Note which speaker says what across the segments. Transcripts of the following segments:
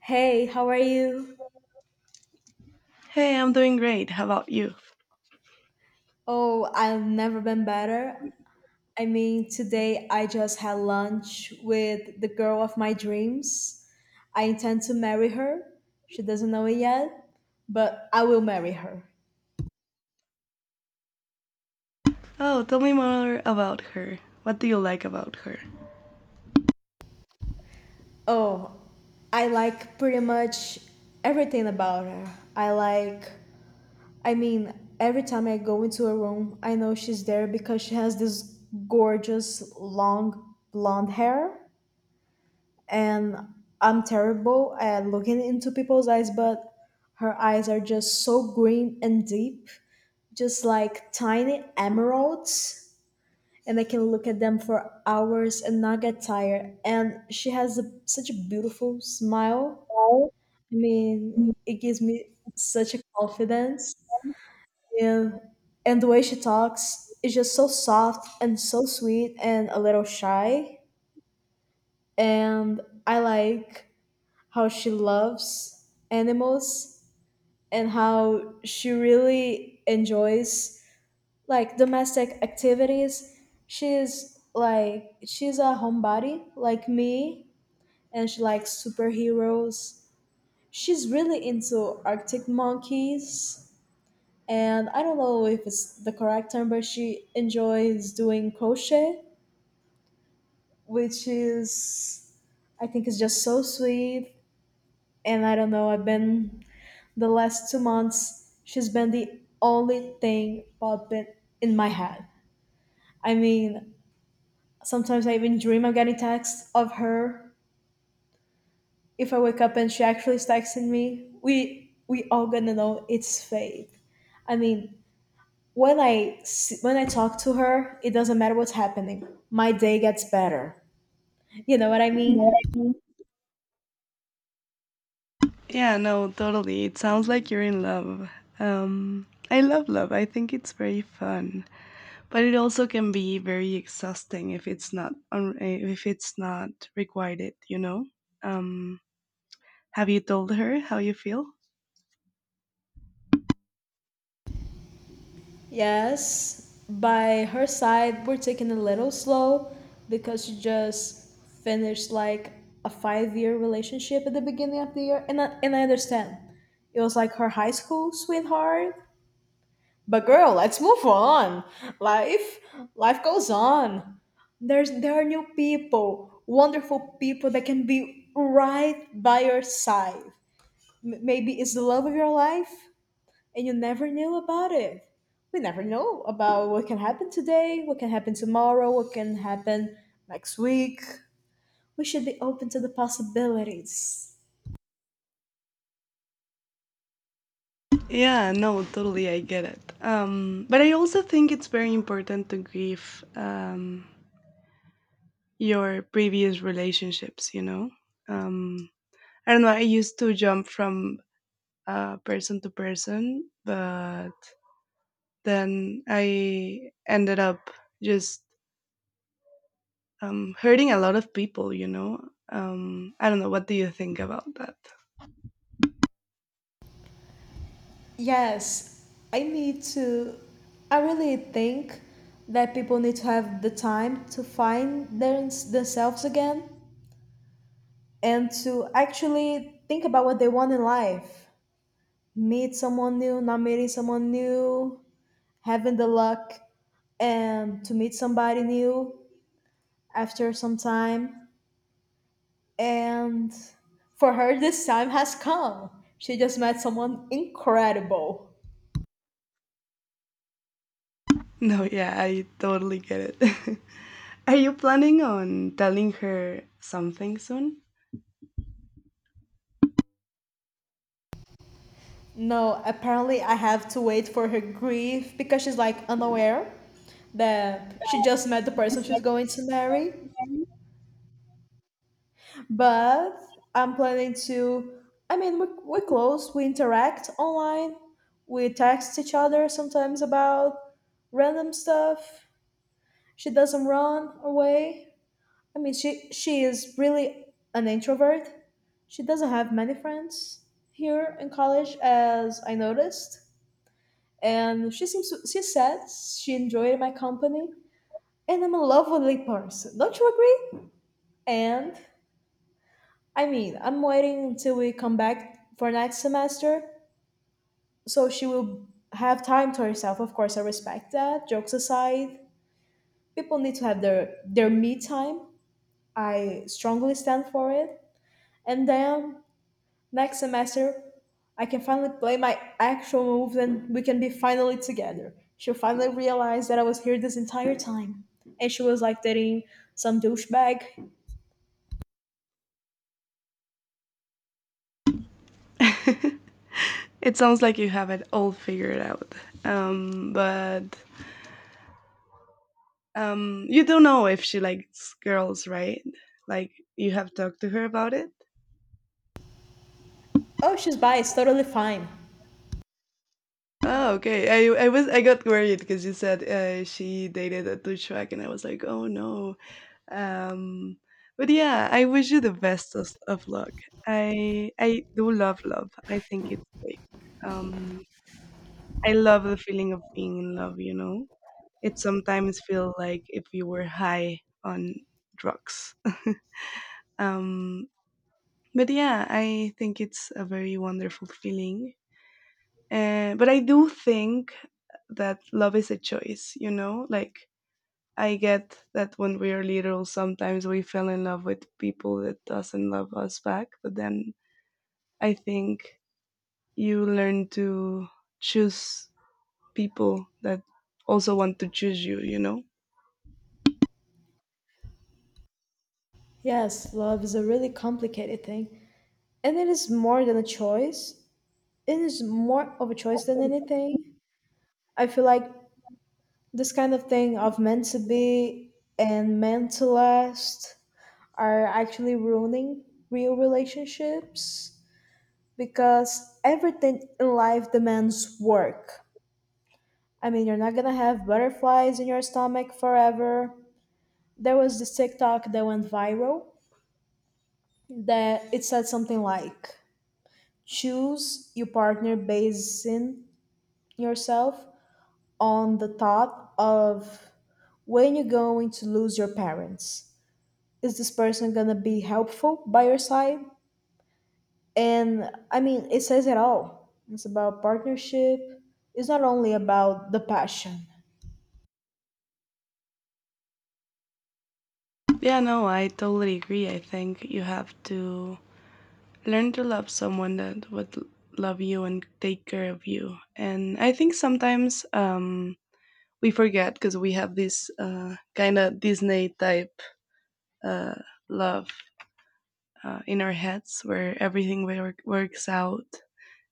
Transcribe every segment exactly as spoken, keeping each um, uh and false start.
Speaker 1: Hey, how are you?
Speaker 2: Hey, I'm doing great. How about you?
Speaker 1: Oh, I've never been better. I mean, today I just had lunch with the girl of my dreams. I intend to marry her. She doesn't know it yet, but I will marry her.
Speaker 2: Oh, tell me more about her. What do you like about her?
Speaker 1: Oh, I like pretty much everything about her. I like, I mean, Every time I go into a room, I know she's there because she has this gorgeous long blonde hair. And I'm terrible at looking into people's eyes, but her eyes are just so green and deep, just like tiny emeralds. And I can look at them for hours and not get tired. And she has a, such a beautiful smile. I mean, it gives me such a confidence. And, and the way she talks is just so soft and so sweet and a little shy. And I like how she loves animals and how she really enjoys like domestic activities. She's like she's a homebody like me, and she likes superheroes. She's really into Arctic monkeys, and I don't know if it's the correct term, but she enjoys doing crochet, which is, I think, is just so sweet. And I don't know, I've been, the last two months, she's been the only thing popping in my head. I mean, sometimes I even dream of getting texts of her. If I wake up and she actually is texting me, we we all gonna know it's fate. I mean, when I s- when I talk to her, it doesn't matter what's happening. My day gets better. You know what I
Speaker 2: You know what
Speaker 1: mean?
Speaker 2: I mean? Yeah, no, totally. It sounds like you're in love. Um, I love love. I think it's very fun, but it also can be very exhausting if it's not un- eh, if it's not requited. You know. Um, have you told her how you feel?
Speaker 1: Yes, by her side, we're taking a little slow because she just finished like a five-year relationship at the beginning of the year, and I, and I understand it was like her high school sweetheart. But girl, let's move on. Life, life goes on. There's there are new people, wonderful people that can be right by your side. M- maybe it's the love of your life and you never knew about it. We never know about what can happen today, what can happen tomorrow, what can happen next week. We should be open to the possibilities.
Speaker 2: Yeah, no, totally. I get it. Um, but I also think it's very important to give. Um, your previous relationships you know um I don't know, I used to jump from uh person to person, but then I ended up just um hurting a lot of people you know um I don't know, what do you think about that?
Speaker 1: Yes, I need to. I really think that people need to have the time to find their, themselves again, and to actually think about what they want in life. Meet someone new, not meeting someone new, having the luck and to meet somebody new after some time. And for her, this time has come. She just met someone incredible.
Speaker 2: No, yeah, I totally get it. Are you planning on telling her something soon?
Speaker 1: No, apparently, I have to wait for her grief because she's like unaware that she just met the person she's going to marry. But I'm planning to, I mean, we, we're close, we interact online, we text each other sometimes about random stuff. She doesn't run away. I mean, she she is really an introvert. She doesn't have many friends here in college, as I noticed. And she seems she said she enjoyed my company, and I'm a lovely person. Don't you agree? And I mean, I'm waiting until we come back for next semester, so she will have time to herself. Of course, I respect that. Jokes aside, people need to have their their me time. I strongly stand for it. And then next semester, I can finally play my actual moves and we can be finally together. She'll finally realize that I was here this entire time. And she was like dating some douchebag.
Speaker 2: It sounds like you have it all figured out. Um but Um, you don't know if she likes girls, right? Like you have talked to her about it.
Speaker 1: Oh, she's bi, it's totally fine.
Speaker 2: Oh, okay. I I was I got worried because you said uh, she dated a douchebag, and I was like, oh no. Um, but yeah, I wish you the best of, of luck. I I do love love. I think it's great. Um, I love the feeling of being in love. You know, it sometimes feels like if you were high on drugs. um, but yeah, I think it's a very wonderful feeling. Uh, but I do think that love is a choice, you know, like, I get that when we are little, sometimes we fell in love with people that doesn't love us back. But then I think you learn to choose people that also want to choose you, you know.
Speaker 1: Yes, love is a really complicated thing. And it is more than a choice, it is more of a choice than anything. I feel like this kind of thing of meant to be and meant to last are actually ruining real relationships because everything in life demands work. I mean, you're not gonna have butterflies in your stomach forever. There was this TikTok that went viral that it said something like choose your partner basing yourself on the thought of when you're going to lose your parents. Is this person gonna be helpful by your side? And I mean, it says it all. It's about partnership, it's not only about the passion.
Speaker 2: Yeah, no, I totally agree. I think you have to learn to love someone that would l- love you and take care of you. And I think sometimes um we forget because we have this uh kind of Disney type uh love, uh, in our heads where everything wor- works out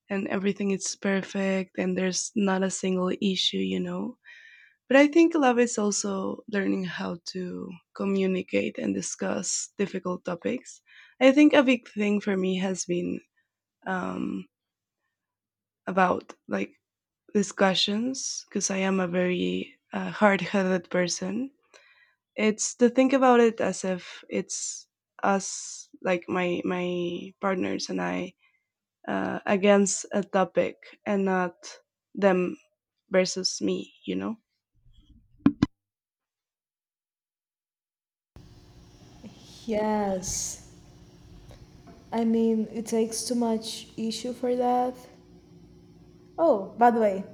Speaker 2: and everything is perfect and there's not a single issue, you know. But I think love is also learning how to communicate and discuss difficult topics. I think a big thing for me has been um about like discussions, because I am a very uh, hard-headed person. It's to think about it as if it's us, like my my partners and I, uh, against a topic and not them versus me. You know?
Speaker 1: Yes. I mean, it takes too much issue for that. Oh, by the way,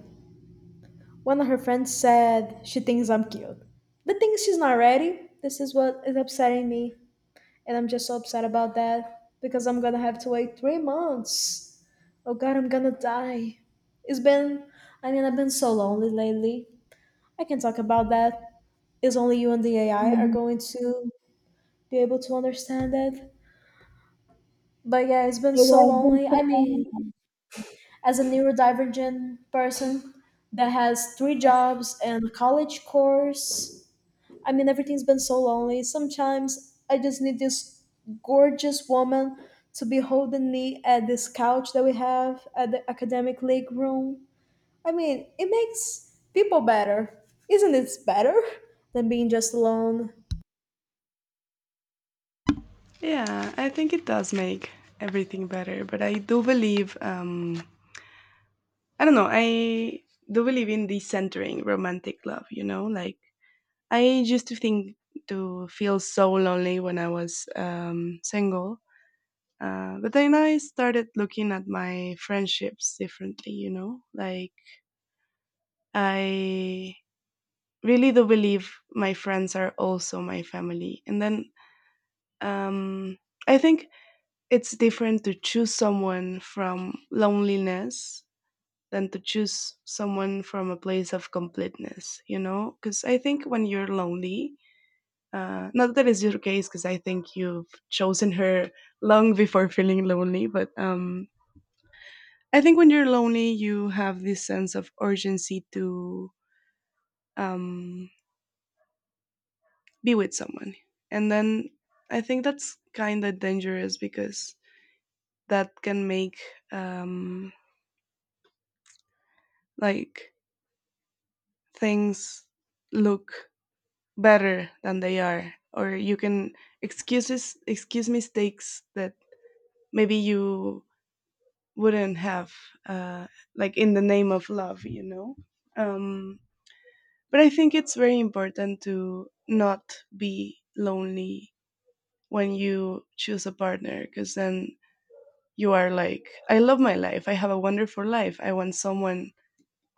Speaker 1: one of her friends said she thinks I'm cute. The thing is, she's not ready. This is what is upsetting me. And I'm just so upset about that because I'm gonna have to wait three months. Oh god, I'm gonna die. It's been, I mean, I've been so lonely lately. I can talk about that. It's only you and the A I are going to be able to understand it. But yeah, it's been so lonely. I mean, as a neurodivergent person that has three jobs and a college course. I mean, everything's been so lonely. Sometimes I just need this gorgeous woman to be holding me at this couch that we have at the academic league room. I mean, it makes people better. Isn't this better than being just alone?
Speaker 2: Yeah, I think it does make everything better. But I do believe. Um, I don't know. I do believe in decentering romantic love. You know, like, I used to think to feel so lonely when I was um, single, uh, but then I started looking at my friendships differently. You know, like, I really do believe my friends are also my family, and then um, I think it's different to choose someone from loneliness than to choose someone from a place of completeness. You know, because I think when you're lonely. Uh, not that it's your case, because I think you've chosen her long before feeling lonely. But um, I think when you're lonely, you have this sense of urgency to um, be with someone, and then I think that's kind of dangerous because that can make um, like things look better than they are, or you can excuses excuse mistakes that maybe you wouldn't have, uh, like in the name of love, you know. um, but I think it's very important to not be lonely when you choose a partner, because then you are like, I love my life, I have a wonderful life, I want someone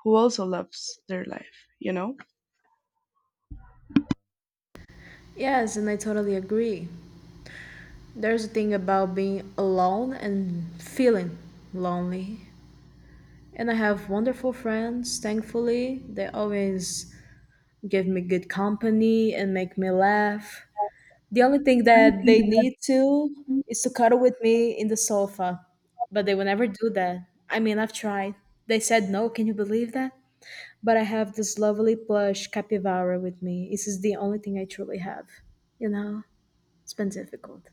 Speaker 2: who also loves their life, you know.
Speaker 1: Yes, and I totally agree. There's a thing about being alone and feeling lonely. And I have wonderful friends, thankfully. They always give me good company and make me laugh. The only thing that they need to is to cuddle with me in the sofa, but they will never do that. I mean, I've tried. They said no, can you believe that? But I have this lovely plush capybara with me. This is the only thing I truly have. You know, it's been difficult.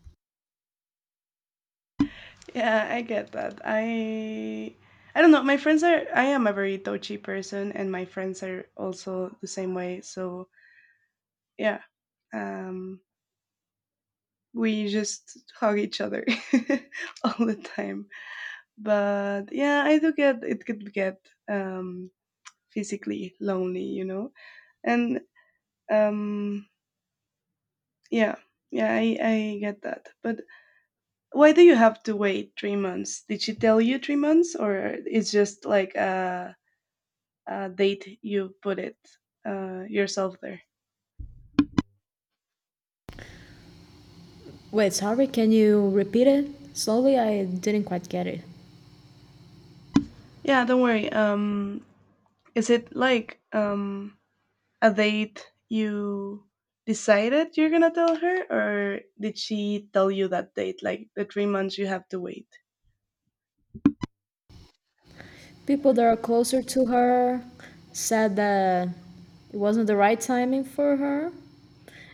Speaker 2: Yeah, I get that. I i don't know, my friends are I am a very touchy person, and my friends are also the same way. So yeah, um we just hug each other all the time. But yeah, I do get it could get um, physically lonely, you know. And um, yeah, yeah, I, I get that. But why do you have to wait three months? Did she tell you three months, or it's just like a, a date you put it uh, yourself there?
Speaker 1: Wait, sorry, can you repeat it? Slowly, I didn't quite get it.
Speaker 2: Yeah, don't worry. Um, is it like um, a date you decided you're gonna tell her, or did she tell you that date, like the three months you have to wait?
Speaker 1: People that are closer to her said that it wasn't the right timing for her.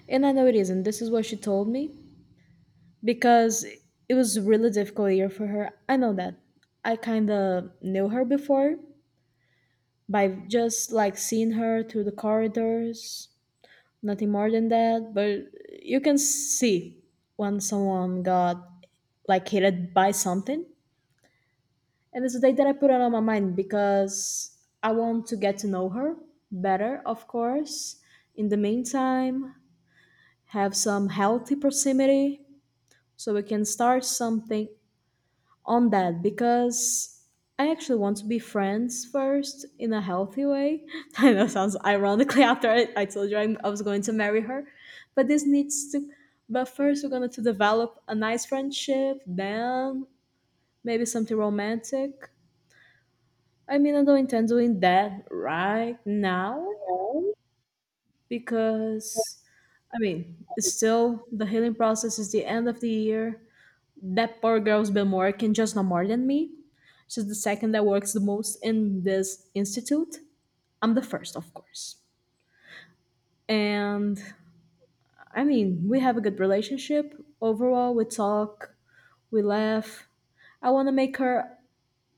Speaker 1: And I know it isn't. This is what she told me because it was a really difficult year for her. I know that. I kind of knew her before by just like seeing her through the corridors, nothing more than that. But you can see when someone got like hated by something. And it's a date that I put it on my mind because I want to get to know her better, of course. In the meantime, have some healthy proximity so we can start something on that because I actually want to be friends first in a healthy way. I know it sounds ironically after I, I told you I'm, I was going to marry her, but this needs to. But first, we're going to develop a nice friendship, then maybe something romantic. I mean, I don't intend doing that right now
Speaker 2: Oh.
Speaker 1: because, I mean, it's still, the healing process is the end of the year. That poor girl's been working just not more than me. She's the second that works the most in this institute. I'm the first, of course. And I mean, we have a good relationship. Overall, we talk, we laugh. I want to make her,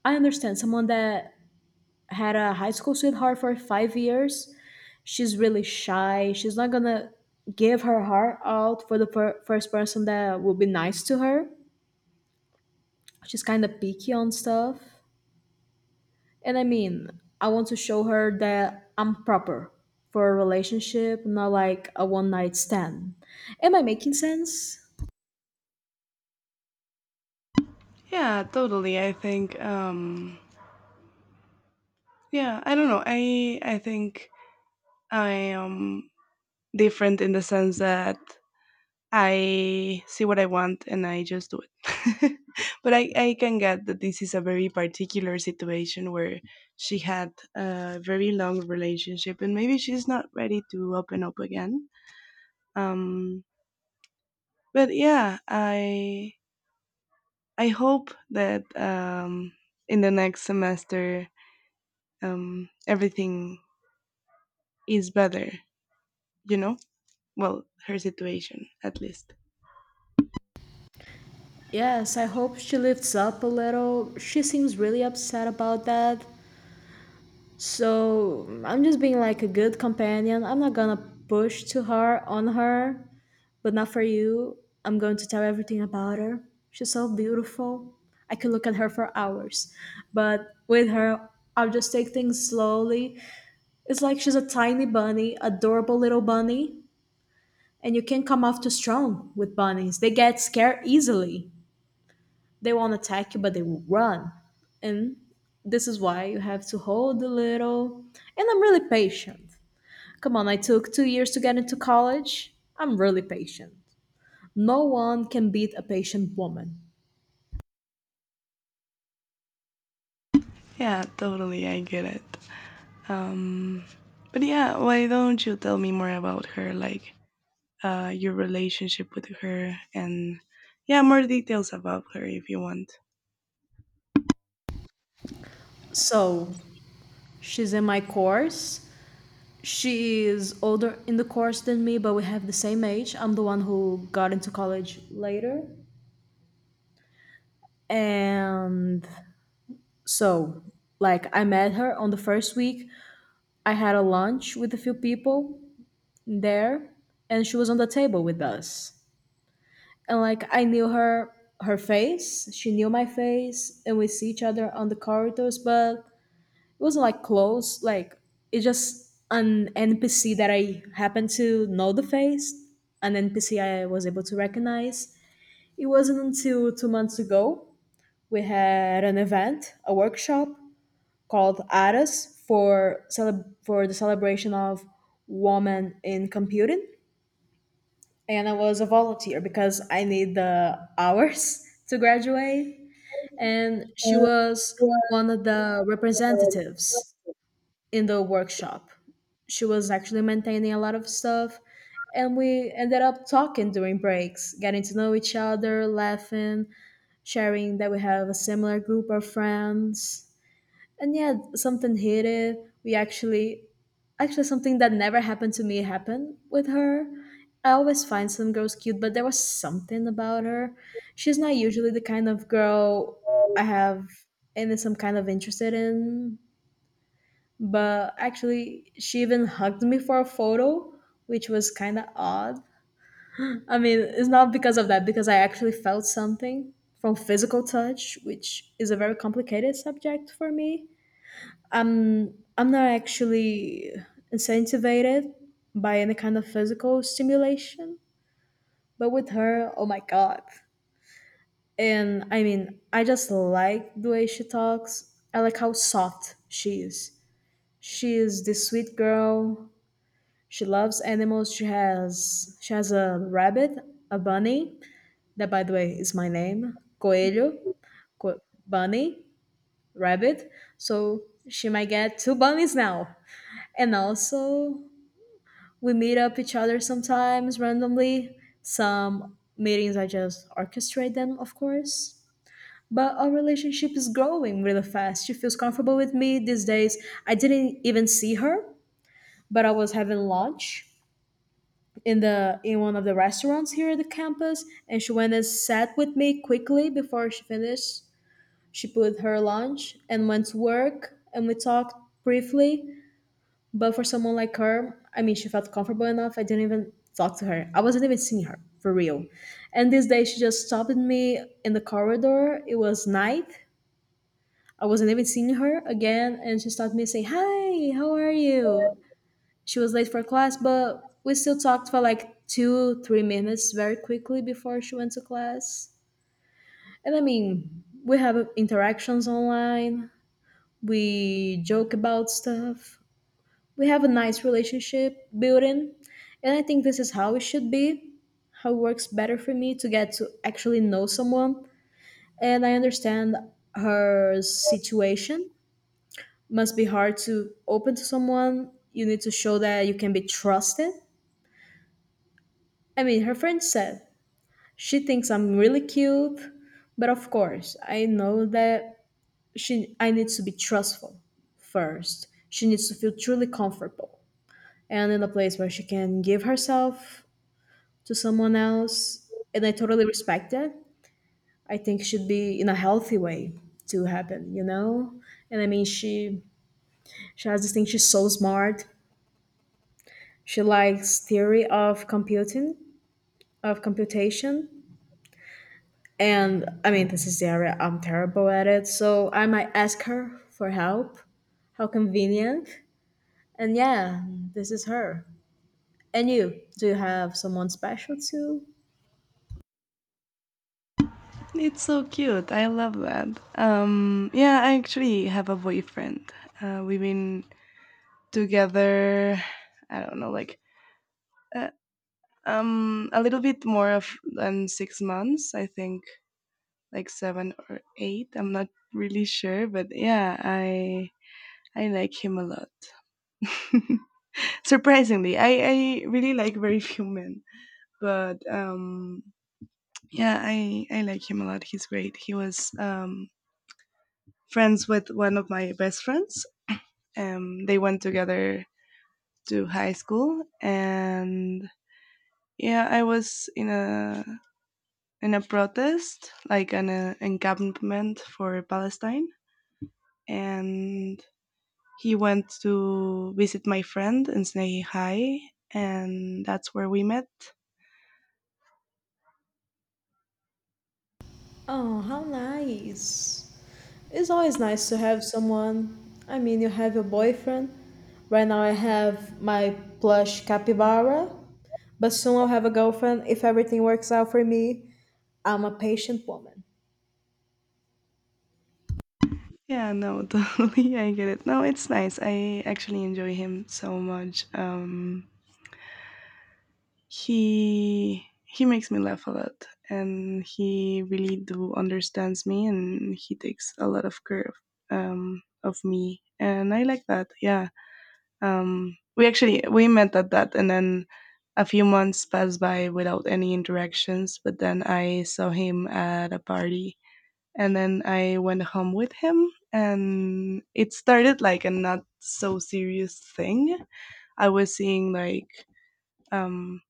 Speaker 1: I understand someone that had a high school sweetheart for five years. She's really shy. She's not gonna give her heart out for the fir- first person that will be nice to her. She's kind of picky on stuff. And I mean, I want to show her that I'm proper for a relationship, not like a one night stand. Am I making sense?
Speaker 2: Yeah, totally. I think um yeah, I don't know. I I think I am different in the sense that I see what I want and I just do it. But I, I can get that this is a very particular situation where she had a very long relationship and maybe she's not ready to open up again. Um, but yeah, I I hope that um, in the next semester um, everything is better. You know, well, her situation at least.
Speaker 1: Yes, I hope she lifts up a little. She seems really upset about that. So I'm just being like a good companion. I'm not gonna push to her on her, but not for you. I'm going to tell everything about her. She's so beautiful. I could look at her for hours. But with her, I'll just take things slowly. It's like she's a tiny bunny, adorable little bunny, and you can't come off too strong with bunnies. They get scared easily, they won't attack you but they will run. And this is why you have to hold a little. And I'm really patient. Come on, I took two years to get into college, I'm really patient. No one can beat a patient woman.
Speaker 2: Yeah, totally, I get it. Um, but yeah, why don't you tell me more about her, like uh, your relationship with her, and yeah, more details about her if you want.
Speaker 1: So she's in my course. She is older in the course than me, but we have the same age. I'm the one who got into college later. And so, like, I met her on the first week. I had a lunch with a few people there, and she was on the table with us. And like I knew her her face, she knew my face, and we see each other on the corridors, but it wasn't like close, like it's just an N P C that I happened to know the face, an N P C I was able to recognize. It wasn't until two months ago we had an event, a workshop called ARAS for cele- for the celebration of women in computing, and I was a volunteer because I need the hours to graduate. And she was one of the representatives in the workshop. She was actually maintaining a lot of stuff. And we ended up talking during breaks, getting to know each other, laughing, sharing that we have a similar group of friends. And yeah, something hated, we actually actually something that never happened to me happened with her. I always find some girls cute, but there was something about her. She's not usually the kind of girl I have any some kind of interested in, but actually she even hugged me for a photo, which was kind of odd. I mean, it's not because of that, because I actually felt something from physical touch, which is a very complicated subject for me. I'm I'm not actually incentivized by any kind of physical stimulation, but with her, oh my god. And I mean, I just like the way she talks. I like how soft she is. She is this sweet girl. She loves animals. She has she has a rabbit, a bunny, that by the way is my name, Coelho. Co- Bunny, rabbit. So she might get two bunnies now. And also, we meet up each other sometimes randomly. Some meetings I just orchestrate them, of course. But our relationship is growing really fast. She feels comfortable with me these days. I didn't even see her, but I was having lunch in the in one of the restaurants here at the campus, and she went and sat with me quickly before she finished. She put her lunch and went to work, and we talked briefly, but for someone like her, I mean, she felt comfortable enough. I didn't even talk to her. I wasn't even seeing her for real. And this day, she just stopped me in the corridor. It was night. I wasn't even seeing her again, and she stopped me saying, "Hi, how are you?" She was late for class, but we still talked for like two, three minutes very quickly before she went to class. And I mean, we have interactions online. We joke about stuff. We have a nice relationship building, and I think this is how it should be, how it works better for me to get to actually know someone. And I understand her situation must be hard. To open to someone, you need to show that you can be trusted. I mean, her friend said she thinks I'm really cute, but of course I know that she, I need to be trustful first. She needs to feel truly comfortable and in a place where she can give herself to someone else, and I totally respect it. I think should be in a healthy way to happen, you know and I mean she she has this thing. She's so smart. She likes theory of computing, of computation, and I mean, this is the area I'm terrible at it, so I might ask her for help. How convenient. And yeah, this is her. And you, do you have someone special to?
Speaker 2: It's so cute. I love that. Um, yeah, I actually have a boyfriend. Uh, we've been together. I don't know, like uh, um, a little bit more of than six months. I think like seven or eight. I'm not really sure, but yeah, I I like him a lot. Surprisingly, I I really like very few men, but um, yeah, I I like him a lot. He's great. He was um friends with one of my best friends. Um, they went together to high school, and yeah, I was in a in a protest, like an uh, encampment for Palestine, and he went to visit my friend in Snahi High, and that's where we met.
Speaker 1: Oh, how nice. It's always nice to have someone. I mean, you have your boyfriend. Right now, I have my plush capybara, but soon I'll have a girlfriend if everything works out for me. I'm a patient woman.
Speaker 2: Yeah, no, totally. I get it. No, it's nice. I actually enjoy him so much. Um, he he makes me laugh a lot, and he really do understands me, and he takes a lot of care of, um, of me, and I like that. Yeah. Um, we actually we met at that, and then a few months passed by without any interactions, but then I saw him at a party, and then I went home with him, and it started like a not so serious thing. I was seeing like um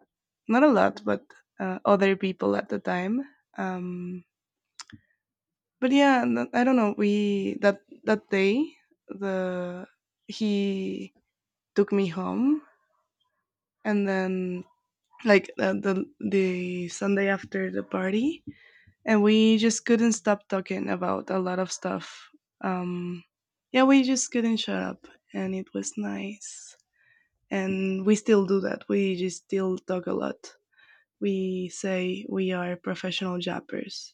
Speaker 2: not a lot, but uh, other people at the time. Um but yeah, and I don't know, we that that day the he took me home, and then like uh, the the Sunday after the party, and we just couldn't stop talking about a lot of stuff. Um, yeah, we just couldn't shut up, and it was nice. And we still do that. We just still talk a lot. We say we are professional jappers,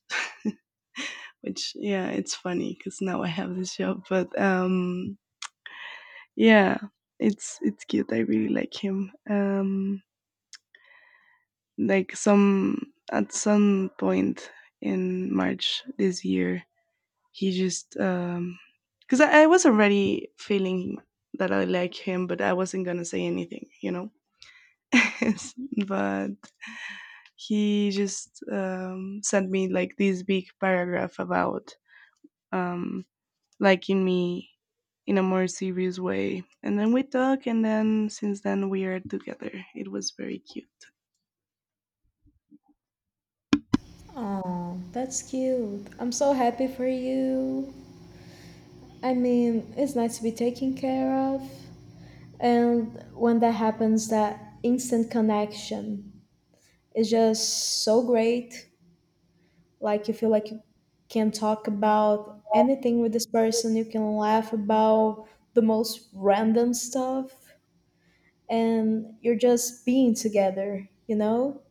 Speaker 2: which yeah, it's funny because now I have this job. But um, yeah, it's it's cute. I really like him. Um, like some at some point in March this year, he just um because I, I was already feeling that I like him, but I wasn't gonna say anything, you know. But he just um, sent me like this big paragraph about um, liking me in a more serious way, and then we talk, and then since then we are together. It was very cute.
Speaker 1: Oh, that's cute. I'm so happy for you. I mean, it's nice to be taken care of. And when that happens, that instant connection is just so great. Like, you feel like you can talk about anything with this person. You can laugh about the most random stuff, and you're just being together, you know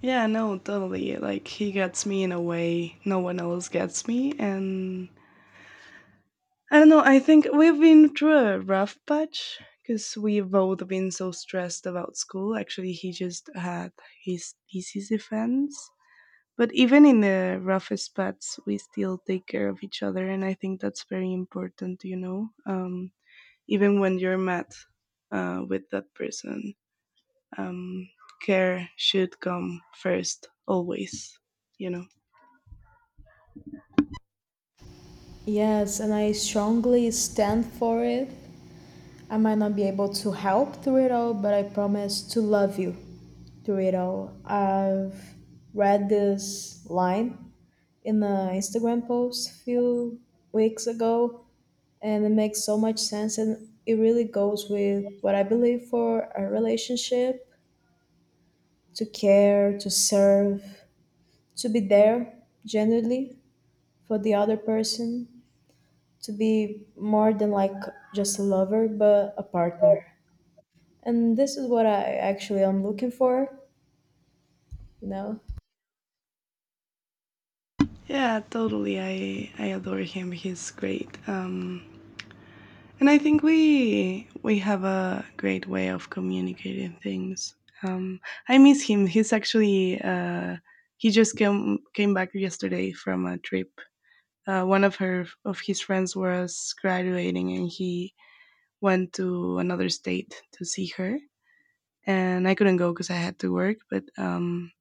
Speaker 2: Yeah, no, totally. Like he gets me in a way no one else gets me, and I don't know. I think we've been through a rough patch because we've both been so stressed about school. Actually, he just had his thesis defense. But even in the roughest paths, we still take care of each other. And I think that's very important, you know, um, even when you're mad uh, with that person, um, care should come first, always, you know.
Speaker 1: yes, and I strongly stand for it. I might not be able to help through it all, but I promise to love you through it all. I've read this line in an Instagram post a few weeks ago, and it makes so much sense, and it really goes with what I believe for a relationship: to care, to serve, to be there genuinely for the other person, to be more than like just a lover, but a partner. And this is what I actually am looking for, you know
Speaker 2: Yeah, totally. I, I adore him. He's great. Um, And I think we we have a great way of communicating things. Um, I miss him. He's actually uh, he just came came back yesterday from a trip. Uh, one of her of his friends was graduating, and he went to another state to see her. And I couldn't go because I had to work. But um,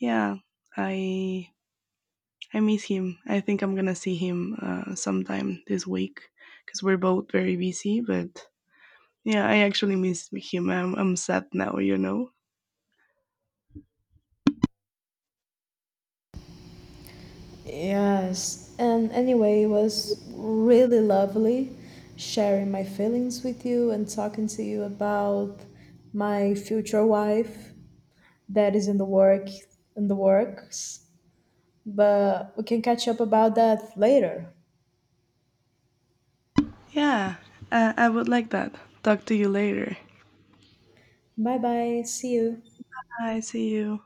Speaker 2: yeah, I I miss him. I think I'm gonna see him uh, sometime this week, because we're both very busy. But yeah, I actually miss him. I'm, I'm sad now, you know?
Speaker 1: yes, and anyway, it was really lovely sharing my feelings with you and talking to you about my future wife that is in the work in the works, but we can catch up about that later.
Speaker 2: Yeah, I, I would like that. Talk to you later.
Speaker 1: Bye bye. See you.
Speaker 2: Bye, see you.